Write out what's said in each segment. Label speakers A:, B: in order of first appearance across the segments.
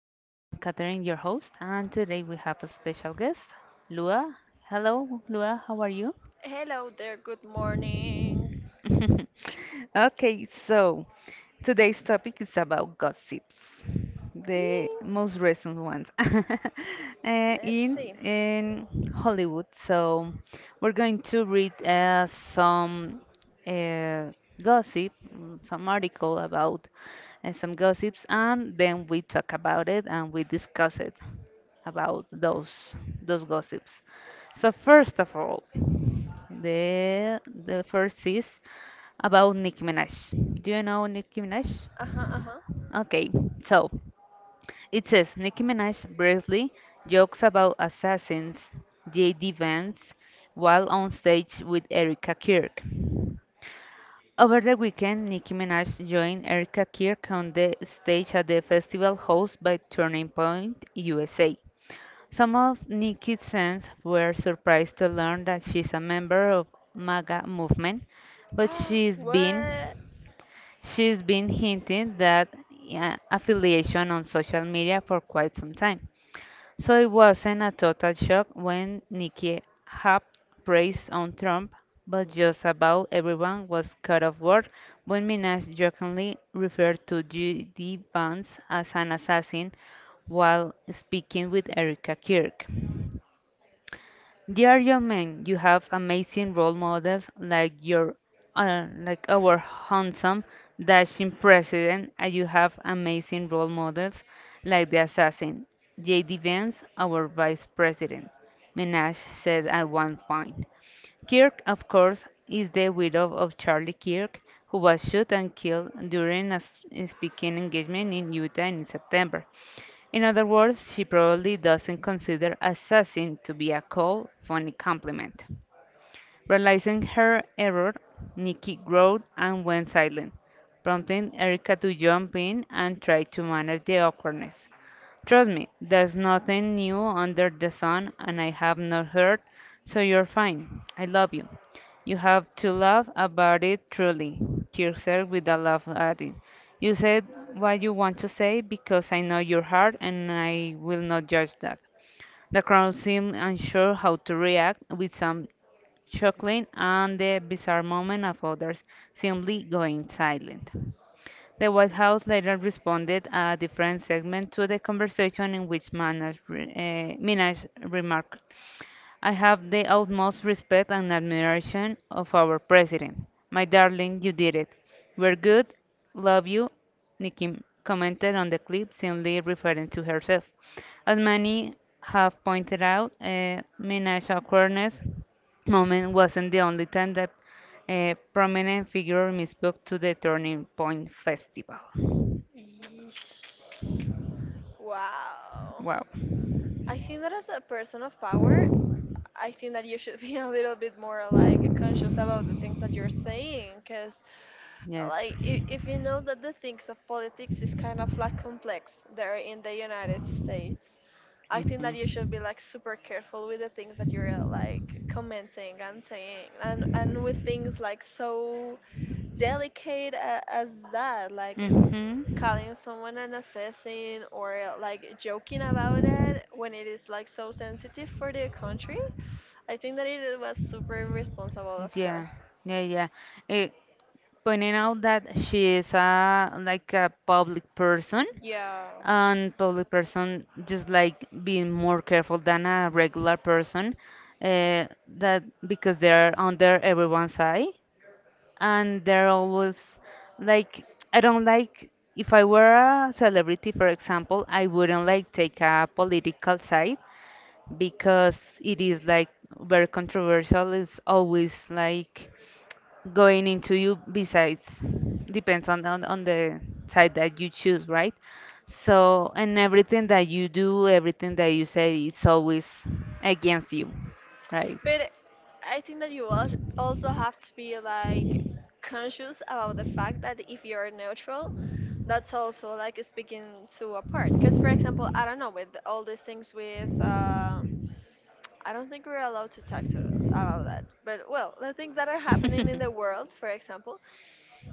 A: I am Catherine, your host, and today we have a special guest, Lua. Hello, Lua, how are you?
B: Hello there, good morning.
A: Okay, so today's topic is about gossips, the
B: Yee,
A: most recent ones,
B: let's
A: in
B: see.
A: in Hollywood. So we're going to read some uh, gossip, some article about some gossips, and then we talk about it and we discuss it about those gossips. So first of all, the first is about Nicki Minaj. Do you know Nicki Minaj?
B: Uh-huh,
A: Okay, so it says Nicki Minaj briefly jokes about assassins, J.D. Vance, while on stage with Erica Kirk. Over the weekend, Nicki Minaj joined Erica Kirk on the stage at the festival hosted by Turning Point USA. Some of Nikki's fans were surprised to learn that she's a member of MAGA movement, but
B: uh-huh.
A: she's been
B: What?
A: she's been hinting that affiliation on social media for quite some time. So it wasn't a total shock when Nikki hopped praise on Trump, but just about everyone was cut off guard when Minaj jokingly referred to Judy Vance as an assassin while speaking with Erica Kirk. Dear young men, you have amazing role models like your like our handsome dashing president, and you have amazing role models like the assassin J.D. Vance, our vice president. Minaj said at one point. Kirk, of course, is the widow of Charlie Kirk, who was shot and killed during a speaking engagement in Utah in September. In other words, she probably doesn't consider assassin to be a cold, funny compliment. Realizing her error, Nikki growled and went silent, prompting Erika to jump in and try to manage the awkwardness. Trust me, there's nothing new under the sun, and I have not heard, so you're fine. I love you. You have to laugh about it truly. Yourself with a laugh at it. You said what you want to say because I know your heart and I will not judge that. The crowd seemed unsure how to react, with some chuckling and the bizarre moment of others simply going silent. The White House later responded a different segment to the conversation in which Minaj remarked, I have the utmost respect and admiration of our president. My darling, you did it. We're good. Love you. Nikki commented on the clip, seemingly referring to herself. As many have pointed out, Minaj's awkwardness moment wasn't the only time that a prominent figure misspoke to the Turning Point Festival.
B: Yeesh. Wow.
A: Wow.
B: I think that as a person of power, I think that you should be a little bit more like conscious about the things that you're saying, because
A: Yes.
B: like if you know
A: Mhm.
B: that the things of politics is kind of like complex there in the United States, I think that you should be like super careful with the things that you're like commenting and saying, and with things like so delicate as that, like calling someone an assassin, or like joking about it when it is like so sensitive for the country. I think that it was super irresponsible
A: Mhm.
B: of her,
A: Yeah, yeah, yeah. Eh, pointing out that she is a like a public person,
B: yeah.
A: and public person just like being more careful than a regular person, that because they're under everyone's eye, and they're always like. I don't like, if I were a celebrity for example, I wouldn't like take a political side, because it is like very controversial, it's always like going into you besides, depends on the side that you choose, right? So, and everything that you do, everything that you say, it's always against you, right?
B: But I think that you also have to be like conscious about the fact that if you're neutral, that's also like speaking to a part. Because for example, I don't know, with all these things with I don't think we're allowed to talk to, about that. But well, the things that are happening in the world, for example,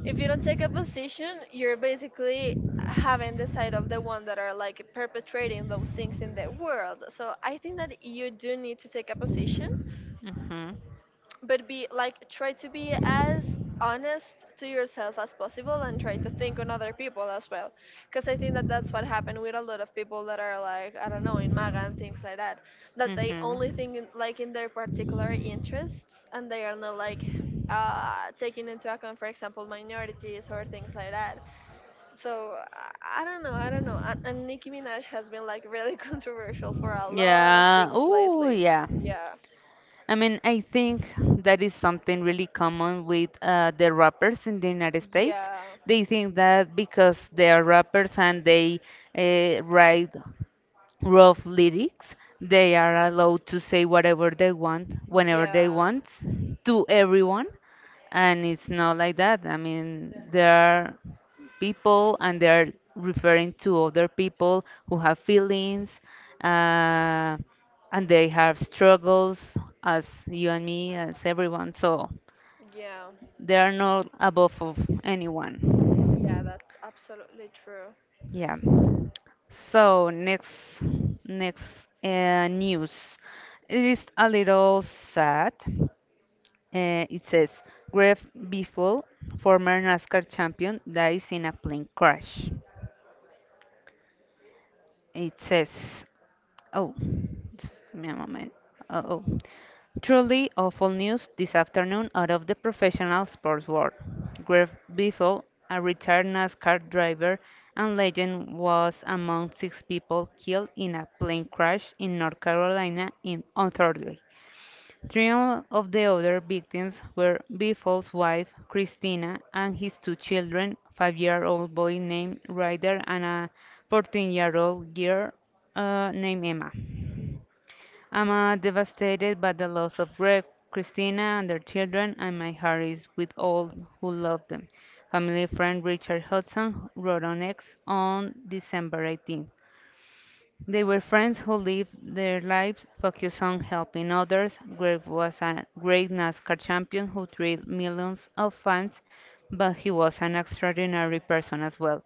B: if you don't take a position, you're basically having the side of the one that are like perpetrating those things in the world. So I think that you do need to take a position,
A: Hmm.
B: but be like try to be as honest to yourself as possible and try to think on other people as well, because I think that that's what happened with a lot of people that are like, I don't know, in MAGA and things like that, that they only
A: Mhm.
B: think in, like in their particular interests, and they are not like taking into account for example minorities or things like that. So I don't know, I don't know. And Nicki Minaj has been like really controversial for a lot of
A: Yeah.
B: things
A: Ooh, lately,
B: lately,
A: yeah.
B: yeah,
A: I mean, I think that is something really common with the rappers in the United States.
B: yeah,
A: They think that because they are rappers and they write rough lyrics. They are allowed to say whatever they want, whenever they
B: yeah.
A: want, to everyone. And it's not like that. I mean, there are people and they're referring to other people who have feelings uh, and they have struggles as you and me, as everyone. So
B: Yeah,
A: they are not above of
B: yeah,
A: anyone.
B: that's absolutely true.
A: Yeah. So next news. It is a little sad. It says Greg Biffle, former NASCAR champion, dies in a plane crash. It says, oh, just give me a moment. Oh, oh. Truly awful news this afternoon out of the professional sports world. Greg Biffle, a retired NASCAR driver and legend, was among six people killed in a plane crash in North Carolina on Thursday. Three of the other victims were Bifol's wife, Christina, and his two children, five-year-old boy named Ryder and a 14-year-old girl named Emma. I'm devastated by the loss of Greg, Christina, and their children, and my heart is with all who love them. Family friend Richard Hudson wrote on X on December 18. They were friends who lived their lives focused on helping others. Greg was a great NASCAR champion who thrilled millions of fans, but he was an extraordinary person as well,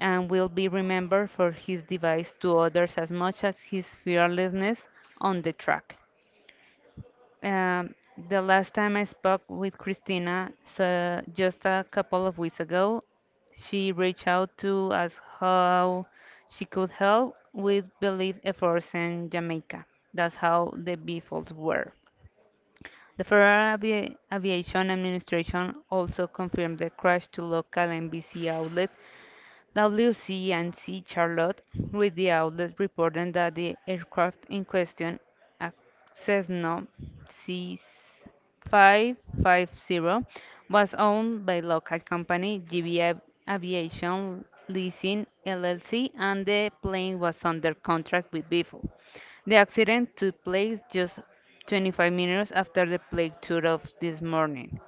A: and will be remembered for his advice to others as much as his fearlessness on the track. Um, the last time I spoke with Christina, so just a couple of weeks ago, she reached out to ask how she could help with belief efforts in Jamaica. That's how the Beatles were. The Aviation Administration also confirmed the crash to local NBC outlet WC and C Charlotte, with the outlet reporting that the aircraft in question, a Cessna C550, was owned by local company GB Aviation Leasing LLC, and the plane was under contract with BFO. The accident took place just 25 minutes after the plane took off this morning.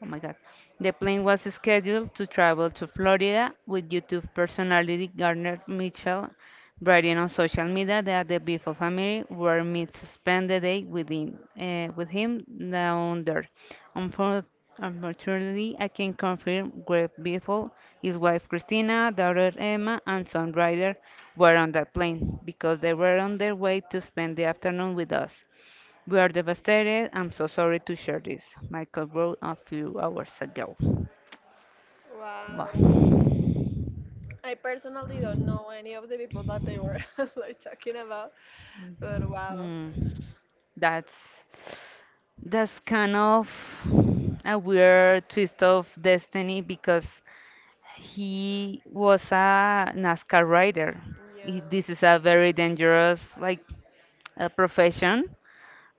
A: Oh my God. The plane was scheduled to travel to Florida with YouTube personality Gardner Mitchell writing on social media that the Bifo family were meant to spend the day with him, with him down there. Unfor- Unfortunately, I can confirm Greg Biffle, his wife Christina, daughter Emma, and son Ryder were on that plane because they were on their way to spend the afternoon with us. We are devastated. I'm so sorry to share this. Michael wrote a few hours ago.
B: Wow.
A: Wow.
B: I personally don't know any of the people that they were like talking about, but wow.
A: Mm, that's kind of a weird twist of destiny because he was a NASCAR rider. He,
B: Yeah.
A: this is a very dangerous like profession,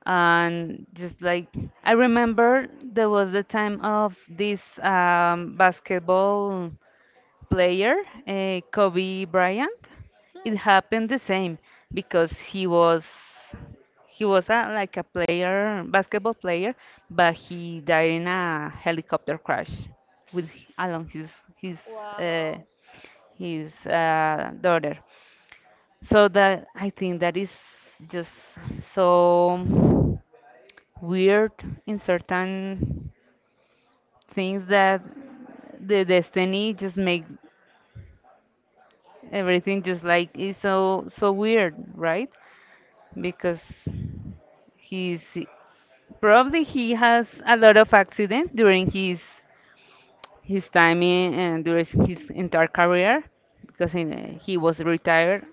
A: and just like I remember, there was the time of this basketball player, Kobe Bryant,
B: Hmm.
A: it happened the same because he was a, like a player, basketball player, but he died in a helicopter crash with along his his uh,
B: Wow.
A: his daughter. So that I think that is just so weird in certain things that the destiny just make everything just like is so so weird, right? Because he's probably he has a lot of accident during his time and during his entire career because he was retired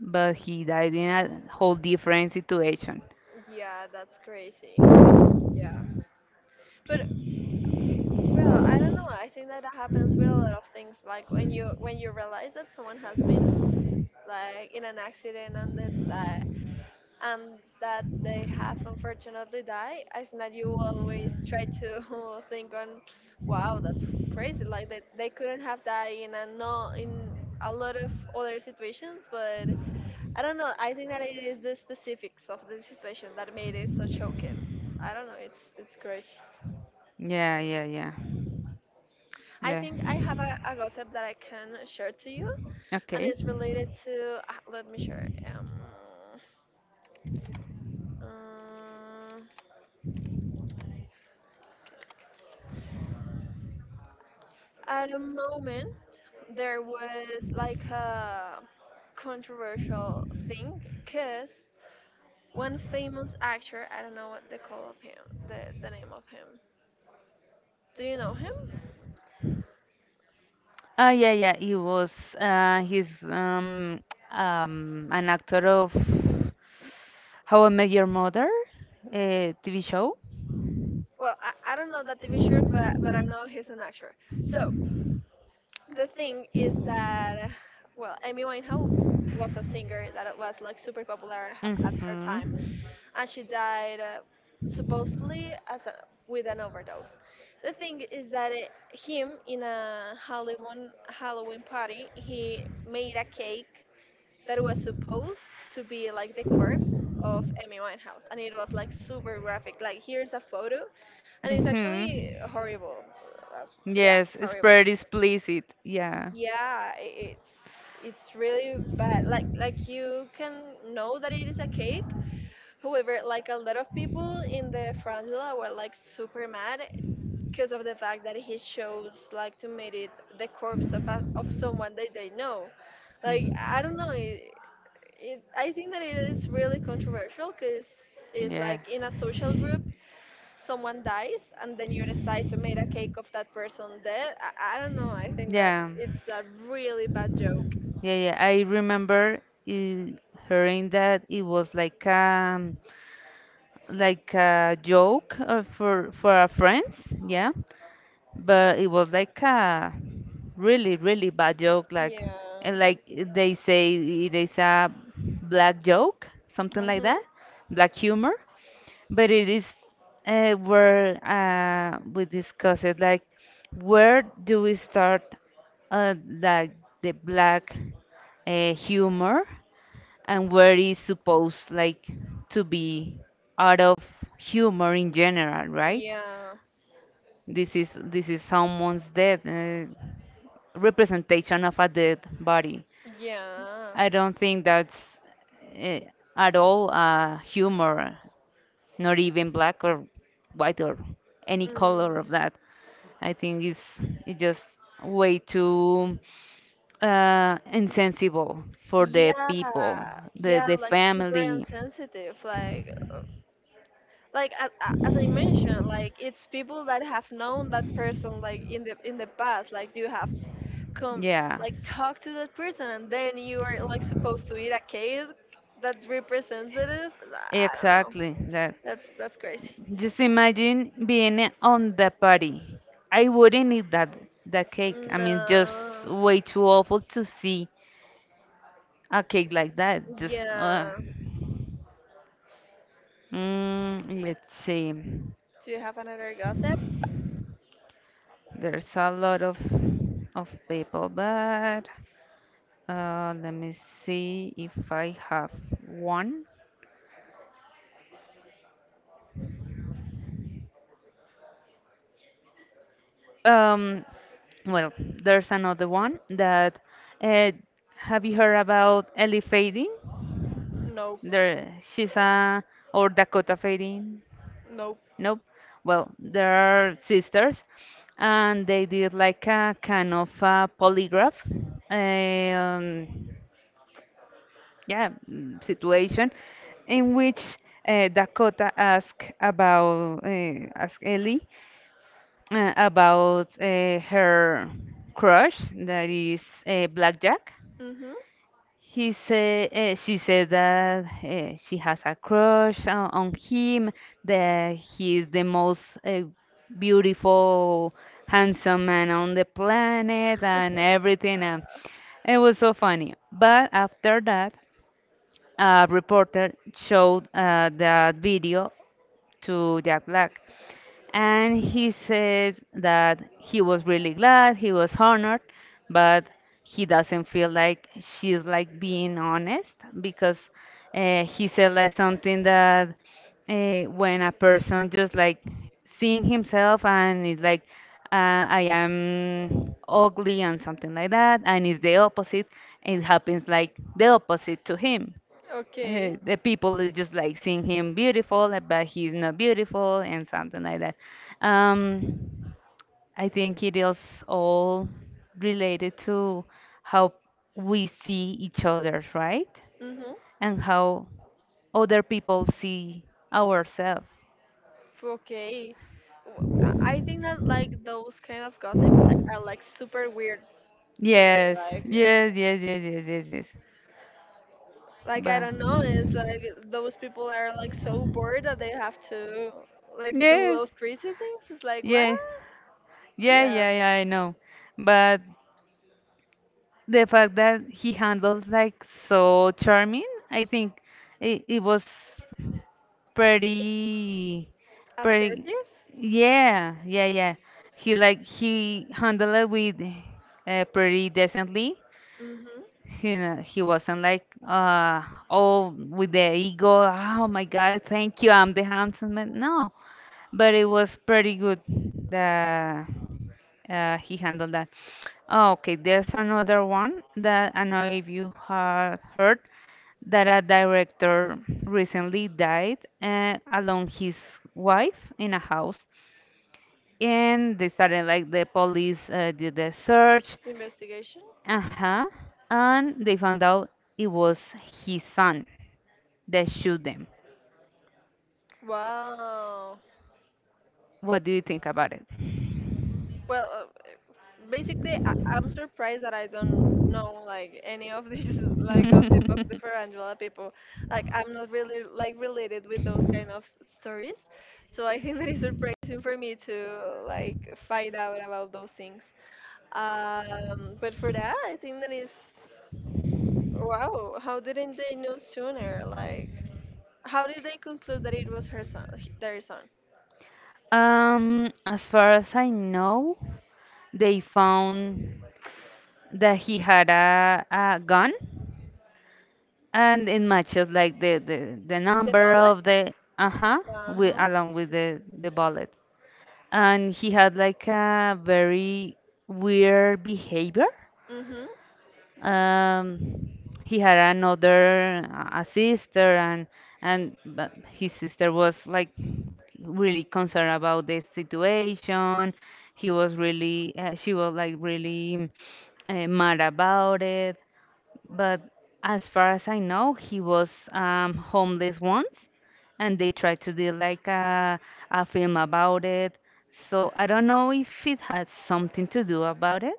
A: but he died in a whole different situation.
B: Yeah, that's crazy. But well, I don't know. I think that happens with a lot of things. Like when you realize that someone has been like in an accident, and then that and that they have unfortunately died, I think that you always try to think on, wow, that's crazy. Like they couldn't have died in a no in a lot of other situations, but I don't know. I think that it is the specifics of the situation that made it so shocking. I don't know. It's crazy.
A: Yeah, yeah, yeah
B: I
A: yeah
B: think I have a gossip that I can share to you, and
A: Okay.
B: it's related to. Ah, let me share. Um, at a moment there was like a controversial thing, because one famous actor, I don't know what they call of him, the name of him, do you know him?
A: Yeah, yeah, he was. He's an actor of How I Met Your Mother, TV show.
B: Well, I don't know that TV show, but I know he's an actor. So the thing is that, well, Amy Winehouse was a singer that was like super popular at her time,
A: Mhm.
B: and she died supposedly as with an overdose. The thing is that it, him, in a Halloween party, he made a cake that was supposed to be like the corpse of Amy Winehouse, and it was like super graphic. Like here's a photo, and it's
A: Mhm.
B: actually horrible. That's, yeah,
A: Yes, it's
B: horrible.
A: pretty explicit. Yeah.
B: Yeah, it's really bad. Like you can know that it is a cake. However, like a lot of people in the frangula were like super mad because of the fact that he chose like to meet it the corpse of of someone that they know. Like, I don't know, it, I think that it is really controversial because it's
A: Yeah.
B: like in a social group, someone dies and then you decide to make a cake of that person dead. I don't know. I think that
A: Yeah,
B: it's a really bad joke.
A: yeah, yeah. I remember i- hearing that it was like a joke for our friends. Yeah, but it was like a really bad joke. Like,
B: Yeah.
A: and like they say it is a black joke, something like
B: Mhm.
A: that, black humor, but it is where we discuss it, like where do we start, uh, like the black humor, and where is supposed like to be out of humor in general, right?
B: Yeah.
A: This is someone's death, representation of a dead body.
B: Yeah.
A: I don't think that's uh, at all humor, not even black or white or any color of
B: Mm.
A: that. I think it's just way too insensible for the people,
B: Yeah,
A: the
B: yeah,
A: the
B: like super
A: family.
B: insensitive. Like as I mentioned, like it's people that have known that person like in the past. Like you have come,
A: Yeah.
B: like talk to that person, and then you are like supposed to eat a cake that represents it. I don't know.
A: Exactly that.
B: That's crazy.
A: Just imagine being on the party. I wouldn't eat that cake. I mean, just
B: No.
A: way too awful to see a cake like that. Just
B: Yeah.
A: let's see.
B: Do you have another gossip?
A: There's a lot of people, but let me see if I have one. Um, well, there's another one that uh, have you heard about Ellie Fading?
B: Nope.
A: There, she's a, or Dakota Fading.
B: Nope.
A: Nope. Well, there are sisters, and they did like a kind of a polygraph, um, yeah, situation, in which Dakota asked Ellie about her crush, that is Blackjack.
B: Mhm.
A: He said, she said that she has a crush on him, that he is the most beautiful, handsome man on the planet, and everything. And it was so funny. But after that, a reporter showed that video to Jack Black. And he says that he was really glad, he was honored, but he doesn't feel like she's like being honest because he said like something that when a person just like seeing himself and is like I am ugly and something like that, and it's the opposite, it happens like the opposite to him,
B: Okay.
A: the people is just like seeing him beautiful, but he's not beautiful, and something like that. Um, I think it is all related to how we see each other, right?
B: Mm-hmm.
A: And how other people see ourselves.
B: Okay. W- I think that like those kind of gossip like are like super weird to me.
A: Yes,
B: Like,
A: yes, yes, yes, yes, yes, yes.
B: like I
A: But
B: don't know, it's like those people are like so bored that they have to like do
A: yes,
B: those crazy things. It's like what?
A: yeah, yeah,
B: Yeah.
A: yeah, yeah, I know. But the fact that he handled like so charming, I think it was pretty, pretty.
B: Assertive?
A: Yeah, yeah, yeah. He handled it with pretty decently.
B: Mm-hmm.
A: You know, he wasn't like all with the ego. Oh my God, thank you, I'm the handsome man. No, but it was pretty good. The He handled that. Oh, okay, there's another one that I know if you had heard that a director recently died along his wife in a house, and they started like the police did the search,
B: Investigation.
A: uh-huh, and they found out it was his son that shoot them.
B: Wow.
A: What do you think about it?
B: Well, basically, I'm surprised that I don't know like any of these like gossip of the
A: Photographer.
B: Farandula people. Like, I'm not really like related with those kind of stories, so I think that is surprising for me to like find out about those things. But for that, I think that is wow. How didn't they know sooner? Like, how did they conclude that it was her son, their son?
A: As far as I know, they found that he had a gun, and it matches like the
B: The
A: number
B: bullet?
A: of the uh-huh
B: Uh
A: with
B: huh.
A: along with the bullet, and he had like a very weird behavior.
B: Mhm.
A: um he had another a sister, and but his sister was like really concerned about the situation. He was really She was like really mad about it. But as far as I know, he was homeless once, and they tried to do like a film about it. So I don't know if it had something to do about it.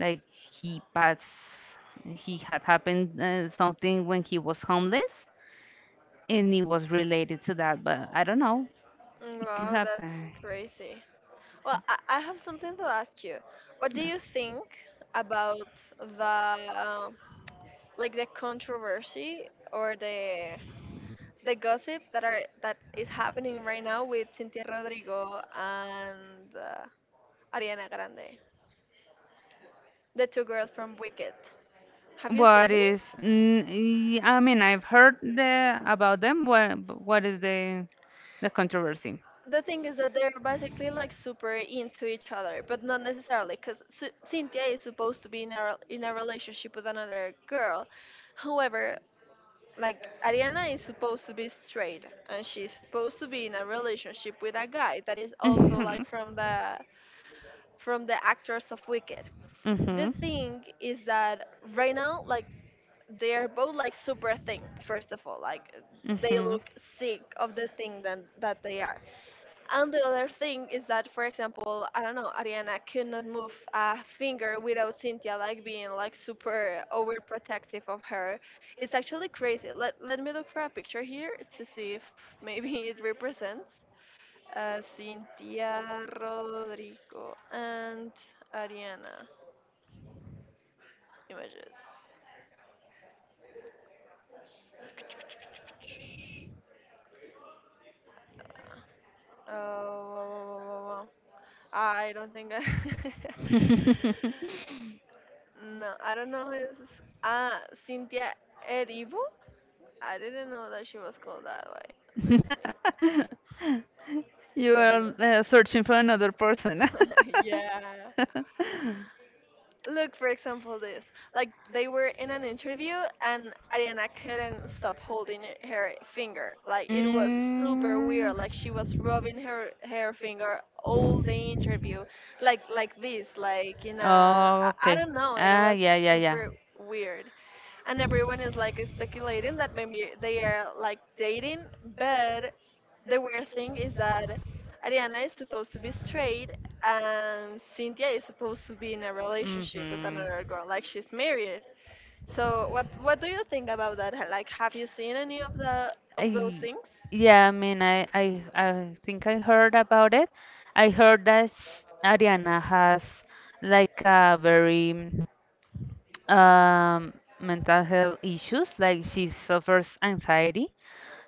A: Like he passed, he had happened something when he was homeless, and it was related to that. But I don't know. It could
B: Wow, that's
A: happen.
B: crazy. Well, I have something to ask you. What do you think about the like the controversy or the gossip that are that is happening right now with Cynthia Rodrigo and Ariana Grande, the two girls from Wicked? Have you
A: What
B: seen them?
A: is? I mean, I've heard about them. What is the controversy?
B: The thing is that they're basically like super into each other, but not necessarily, because Cynthia is supposed to be in a, in a relationship with another girl. However, like Ariana is supposed to be straight, and she's supposed to be in a relationship with a guy that is also
A: Mhm.
B: like from the actors of Wicked. The
A: Mhm.
B: thing is that right now like they are both like super thin, first of all, like they
A: Mhm.
B: look sick of the thing that they are. And the other thing is that, for example, I don't know, Ariana could not move a finger without Cynthia like being like super overprotective of her. It's actually crazy. Let me look for a picture here to see if maybe it represents Cynthia, Rodrigo, and Ariana images. Oh, I don't think I no, I don't know his. Ah, Cynthia Erivo? I didn't know that she was called that way. Let's see.
A: You are
B: Erivo.
A: searching for another person.
B: Yeah. Look, for example, this. Like, they were in an interview, and Ariana couldn't stop holding her finger. Like, it was super weird. Like, she
A: Mm.
B: was rubbing her, her finger all the interview. Like this. Like, in a. I
A: Oh,
B: I
A: okay.
B: don't know. It
A: Ah,
B: was
A: yeah, yeah, yeah.
B: super weird. And everyone is like speculating that maybe they are like dating, but the weird thing is that Ariana is supposed to be straight, and Cynthia is supposed to be in a relationship with
A: Hmm.
B: another girl, like she's married. So what do you think about that? Like, have you seen any of the
A: i
B: of those
A: I,
B: things?
A: yeah, I mean, I think I heard about it. I heard that sh Ariana has like a very um, mental health issues, like she suffers anxiety,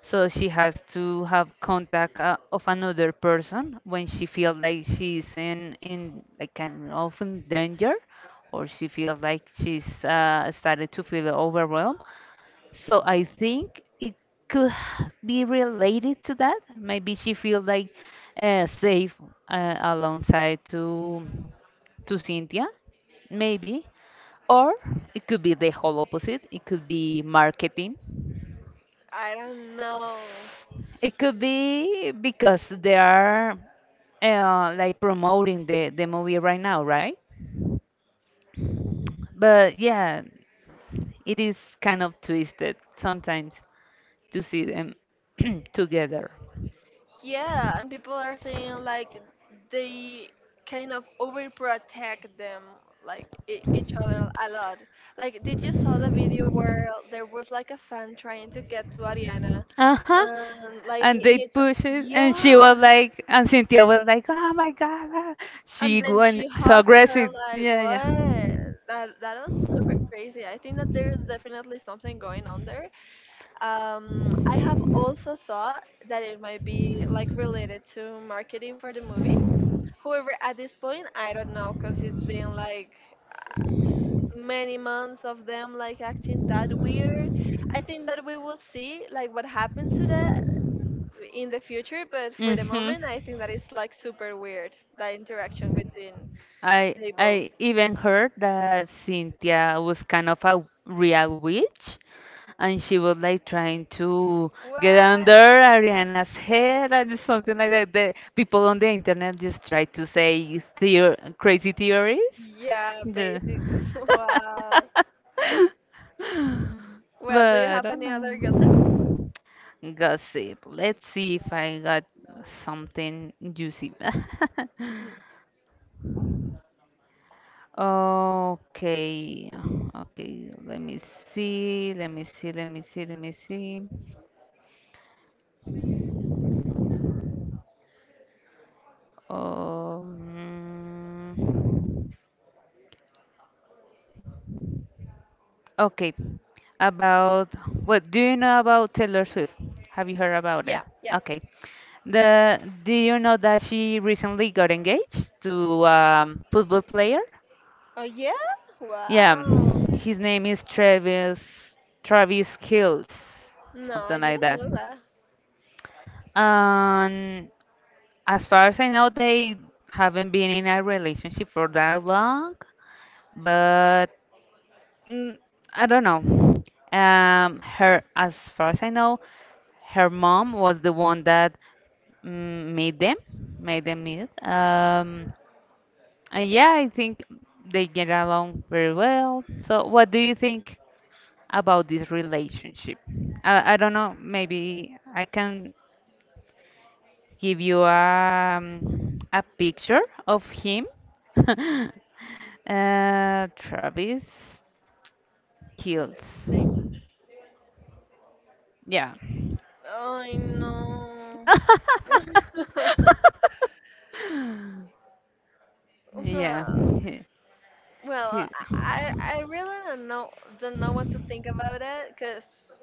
A: so she has to have contact of another person when she feels like she's in like kind of in danger, or she feels like she's started to feel overwhelmed. So I think it could be related to that. Maybe she feels like safe alongside to Cynthia, maybe. Or it could be the whole opposite. It could be marketing.
B: I don't know.
A: It could be because they are like promoting the movie right now, right? But yeah, it is kind of twisted sometimes to see them together.
B: Yeah, and people are saying like they kind of overprotect them, like e each other a lot. Like, did you saw the video where there was like a fan trying to get to Ariana,
A: Uh huh.
B: and like
A: And
B: he,
A: they push it, and she
B: yeah,
A: was like, and Cynthia was like, "Oh my God, ah."
B: and
A: She
B: then
A: went
B: she
A: so
B: hugged her
A: aggressive.
B: like
A: Yeah, yeah.
B: what? That that was super crazy. I think that there's definitely something going on there. I have also thought that it might be like related to marketing for the movie. However, at this point, I don't know, because it's been like many months of them like acting that weird. I think that we will see like what happened to that in the future, but for the moment, I think that it's like super weird that interaction between
A: that
B: they
A: I
B: both.
A: have. Even heard that Cynthia was kind of a real witch and she was like trying to get
B: What?
A: under Ariana's head and something like that. The people on the internet just try to say theo crazy theories.
B: Yeah,
A: Yeah.
B: basic. Wow.
A: But
B: Well, do you
A: I
B: have
A: don't
B: any other gossip?
A: know. Gossip. Let's see if I got something juicy. Okay, okay, let me see, let me see, let me see, let me see. Um, okay. About, what do you know about Taylor Swift? Have you heard about it?
B: Yeah, yeah.
A: Okay. The Do you know that she recently got engaged to football player?
B: Oh yeah?
A: Yeah.
B: Wow.
A: His name is Travis Kills,
B: No, I
A: something like
B: didn't
A: that.
B: know that.
A: And as far as I know, they haven't been in a relationship for that long, but mm, I don't know. Her, as far as I know, her mom was the one that mm, made them meet. And yeah, I think they get along very well. So, what do you think about this relationship? I don't know. Maybe I can give you a picture of him. uh, Travis
B: Let's
A: Kills.
B: see.
A: Yeah.
B: I know.
A: Yeah. He,
B: Well,
A: he,
B: I I really don't know what to think about it, because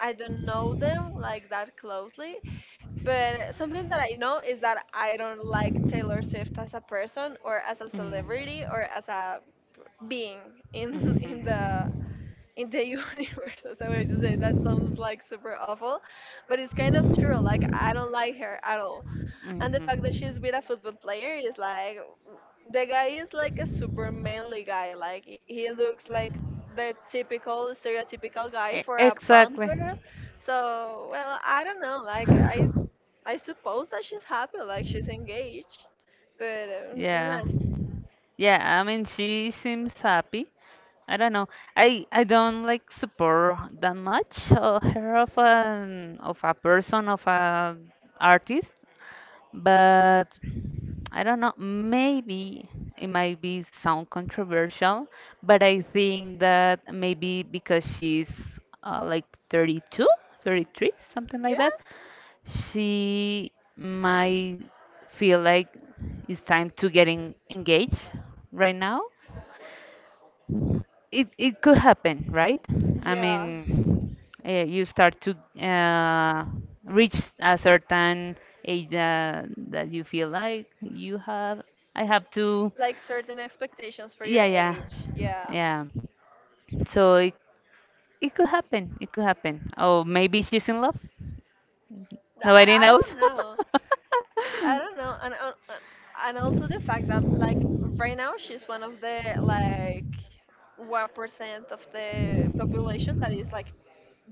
B: I don't know them like that closely. But something that I know is that I don't like Taylor Swift as a person or as a celebrity or as a being in
A: Mhm.
B: in the universe, as I way to say that sounds like super awful, but it's kind of true. Like I don't like her at all. And the fact that
A: Mhm.
B: she's with a football player is like the guy is like a super manly guy. Like he looks like the typical stereotypical guy
A: E-
B: for a blonde
A: Exactly.
B: girl. So well, I don't know. Like I suppose that she's happy. Like she's engaged, but nah.
A: Yeah. Yeah, I mean she seems happy. I don't know. I don't like support that much her of an of a artist, but I don't know. Maybe it might be sound controversial, but I think that maybe because she's like 32, 33, something
B: Yeah,
A: like that, she might feel like it's time to getting engaged right now. It could happen, right? I
B: yeah.
A: mean, you start to uh, reach a certain age that, that you feel like you have. I have to.
B: Like certain expectations for your
A: Yeah, yeah,
B: age. Yeah,
A: yeah. So it could happen. It could happen. Oh, maybe she's in love. Nobody
B: I
A: knows.
B: don't know. I don't know. And also the fact that like right now she's one of the 1% of the population that is like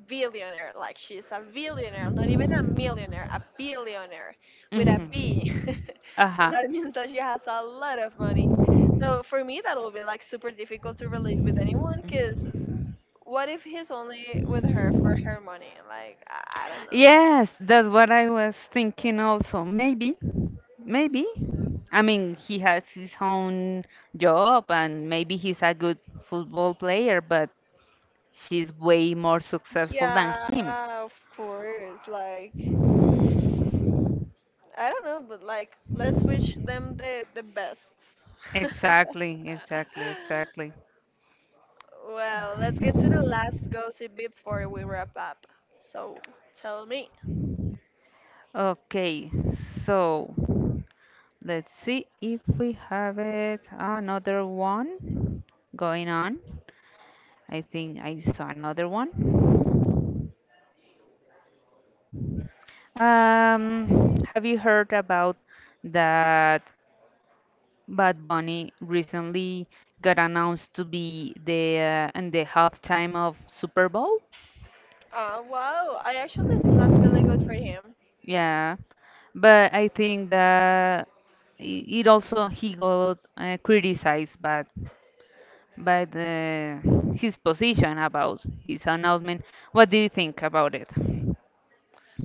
B: billionaire, like she's a billionaire, not even a millionaire, a billionaire with a B.
A: Hmm.
B: So
A: Uh-huh.
B: that means that she has a lot of money. So for me that will be like super difficult to relate with anyone, because what if he's only with her for her money? Like I don't know.
A: Yes, that's what I was thinking also. Maybe, maybe. I mean, he has his own job and maybe he's a good football player, but she's way more successful than him.
B: Yeah, of course, like I don't know, but like let's wish them the best.
A: Exactly, exactly, exactly.
B: Well, let's get to the last gossip before we wrap up. So tell me.
A: Okay, so. Let's see if we have it. Another one going on. I think I saw another one. Have you heard about that Bad Bunny recently got announced to be the in the halftime of Super Bowl?
B: Wow, I actually think that's really good for him.
A: Yeah, but I think that it also he got criticized, but but uh, his position about his announcement. What do you think about it?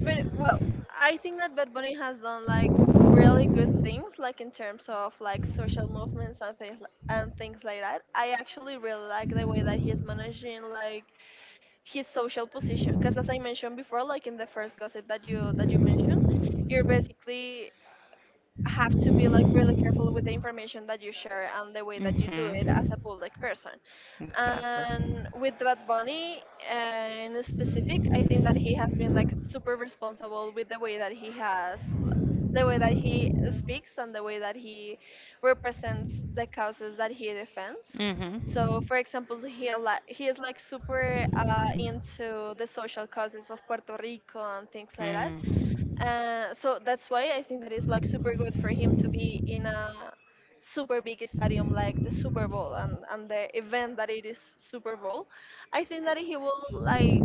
B: But well, I think that Bad Bunny has done like really good things, like in terms of like social movements and things like that. I actually really like the way that he's managing like his social position, because as I mentioned before, like in the first gossip that you mentioned, you're basically have to be like really careful with the information that you share and the way that you do it as a public person. And with Bad Bunny, in specific, I think that he has been like super responsible with the way that he has, the way that he speaks and the way that he represents the causes that he defends. So, for example, he is like super into the social causes of Puerto Rico and things like that.
A: Like.
B: So that's why I think that is like super good for him to be in a super big stadium like the Super Bowl, and the event that it is Super Bowl. I think that he will like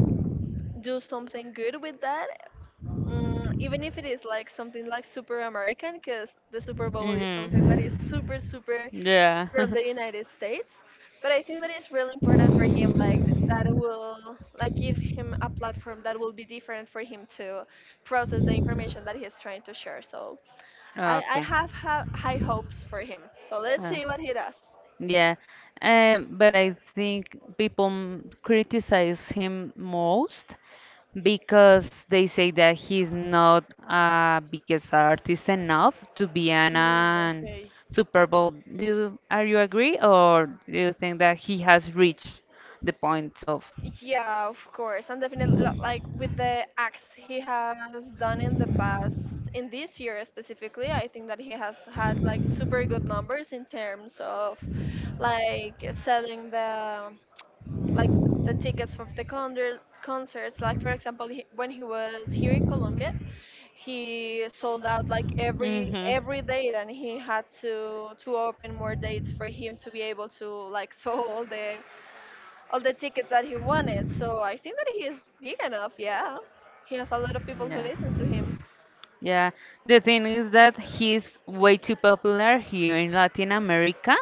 B: do something good with that, even if it is like something like super American, because the Super Bowl is something that is
A: Mhm.
B: super super
A: Is. Yeah.
B: from the United States. But I think that it's really important for him, like that will like give him a platform that will be different for him to process the information that he's trying to share. So I
A: Okay.
B: have high hopes for him. So let's
A: Uh,
B: see what he does.
A: yeah, but I think people criticize him most because they say that he's not a biggest artist enough to be
B: Mm,
A: an
B: okay.
A: Super Bowl. Do you, are you agree, or do you think that he has reached the point of?
B: Yeah, of course. And definitely, like with the acts he has done in the past, in this year specifically, I think that he has had like super good numbers in terms of like selling the like the tickets for the concerts. Like for example, he, when he was here in Colombia, he sold out like every date, and he had to open more dates for him to be able to like sell all the tickets that he wanted. So I think that he is big enough. Yeah, he has a lot of people who
A: Yeah.
B: listen to him.
A: Yeah. The thing is that he's way too popular here in Latin America,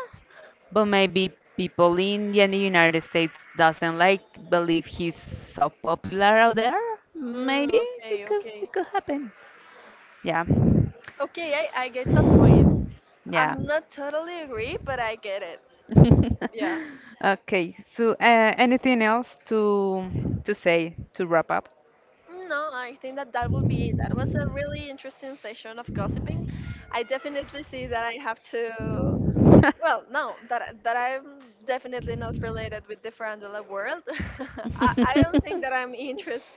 A: but maybe people in the United States doesn't like believe he's so popular out there.
B: Mm,
A: Maybe
B: okay,
A: it
B: okay,
A: could happen. Yeah.
B: okay. I get that point. I'm
A: Yeah.
B: not totally agree, but I get it. Yeah.
A: Okay, so anything else to say to wrap up?
B: No, I think that that will be it. That was a really interesting session of gossiping. I definitely see that I have to. Well, no, that I'm definitely not related with the Frandula world. I don't think that I'm interested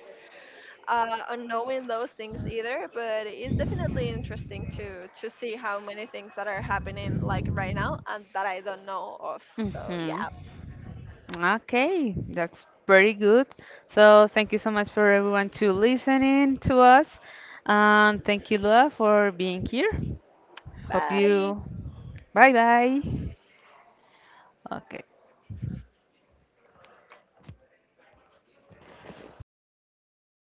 B: on knowing those things either, but it's definitely interesting to see how many things that are happening like right now and that I don't know of. So
A: Hmm.
B: yeah,
A: Okay, that's pretty good. So thank you so much for everyone to listening to us. Thank you, Lua, for being here. Hope
B: bye.
A: you. Bye bye. Okay.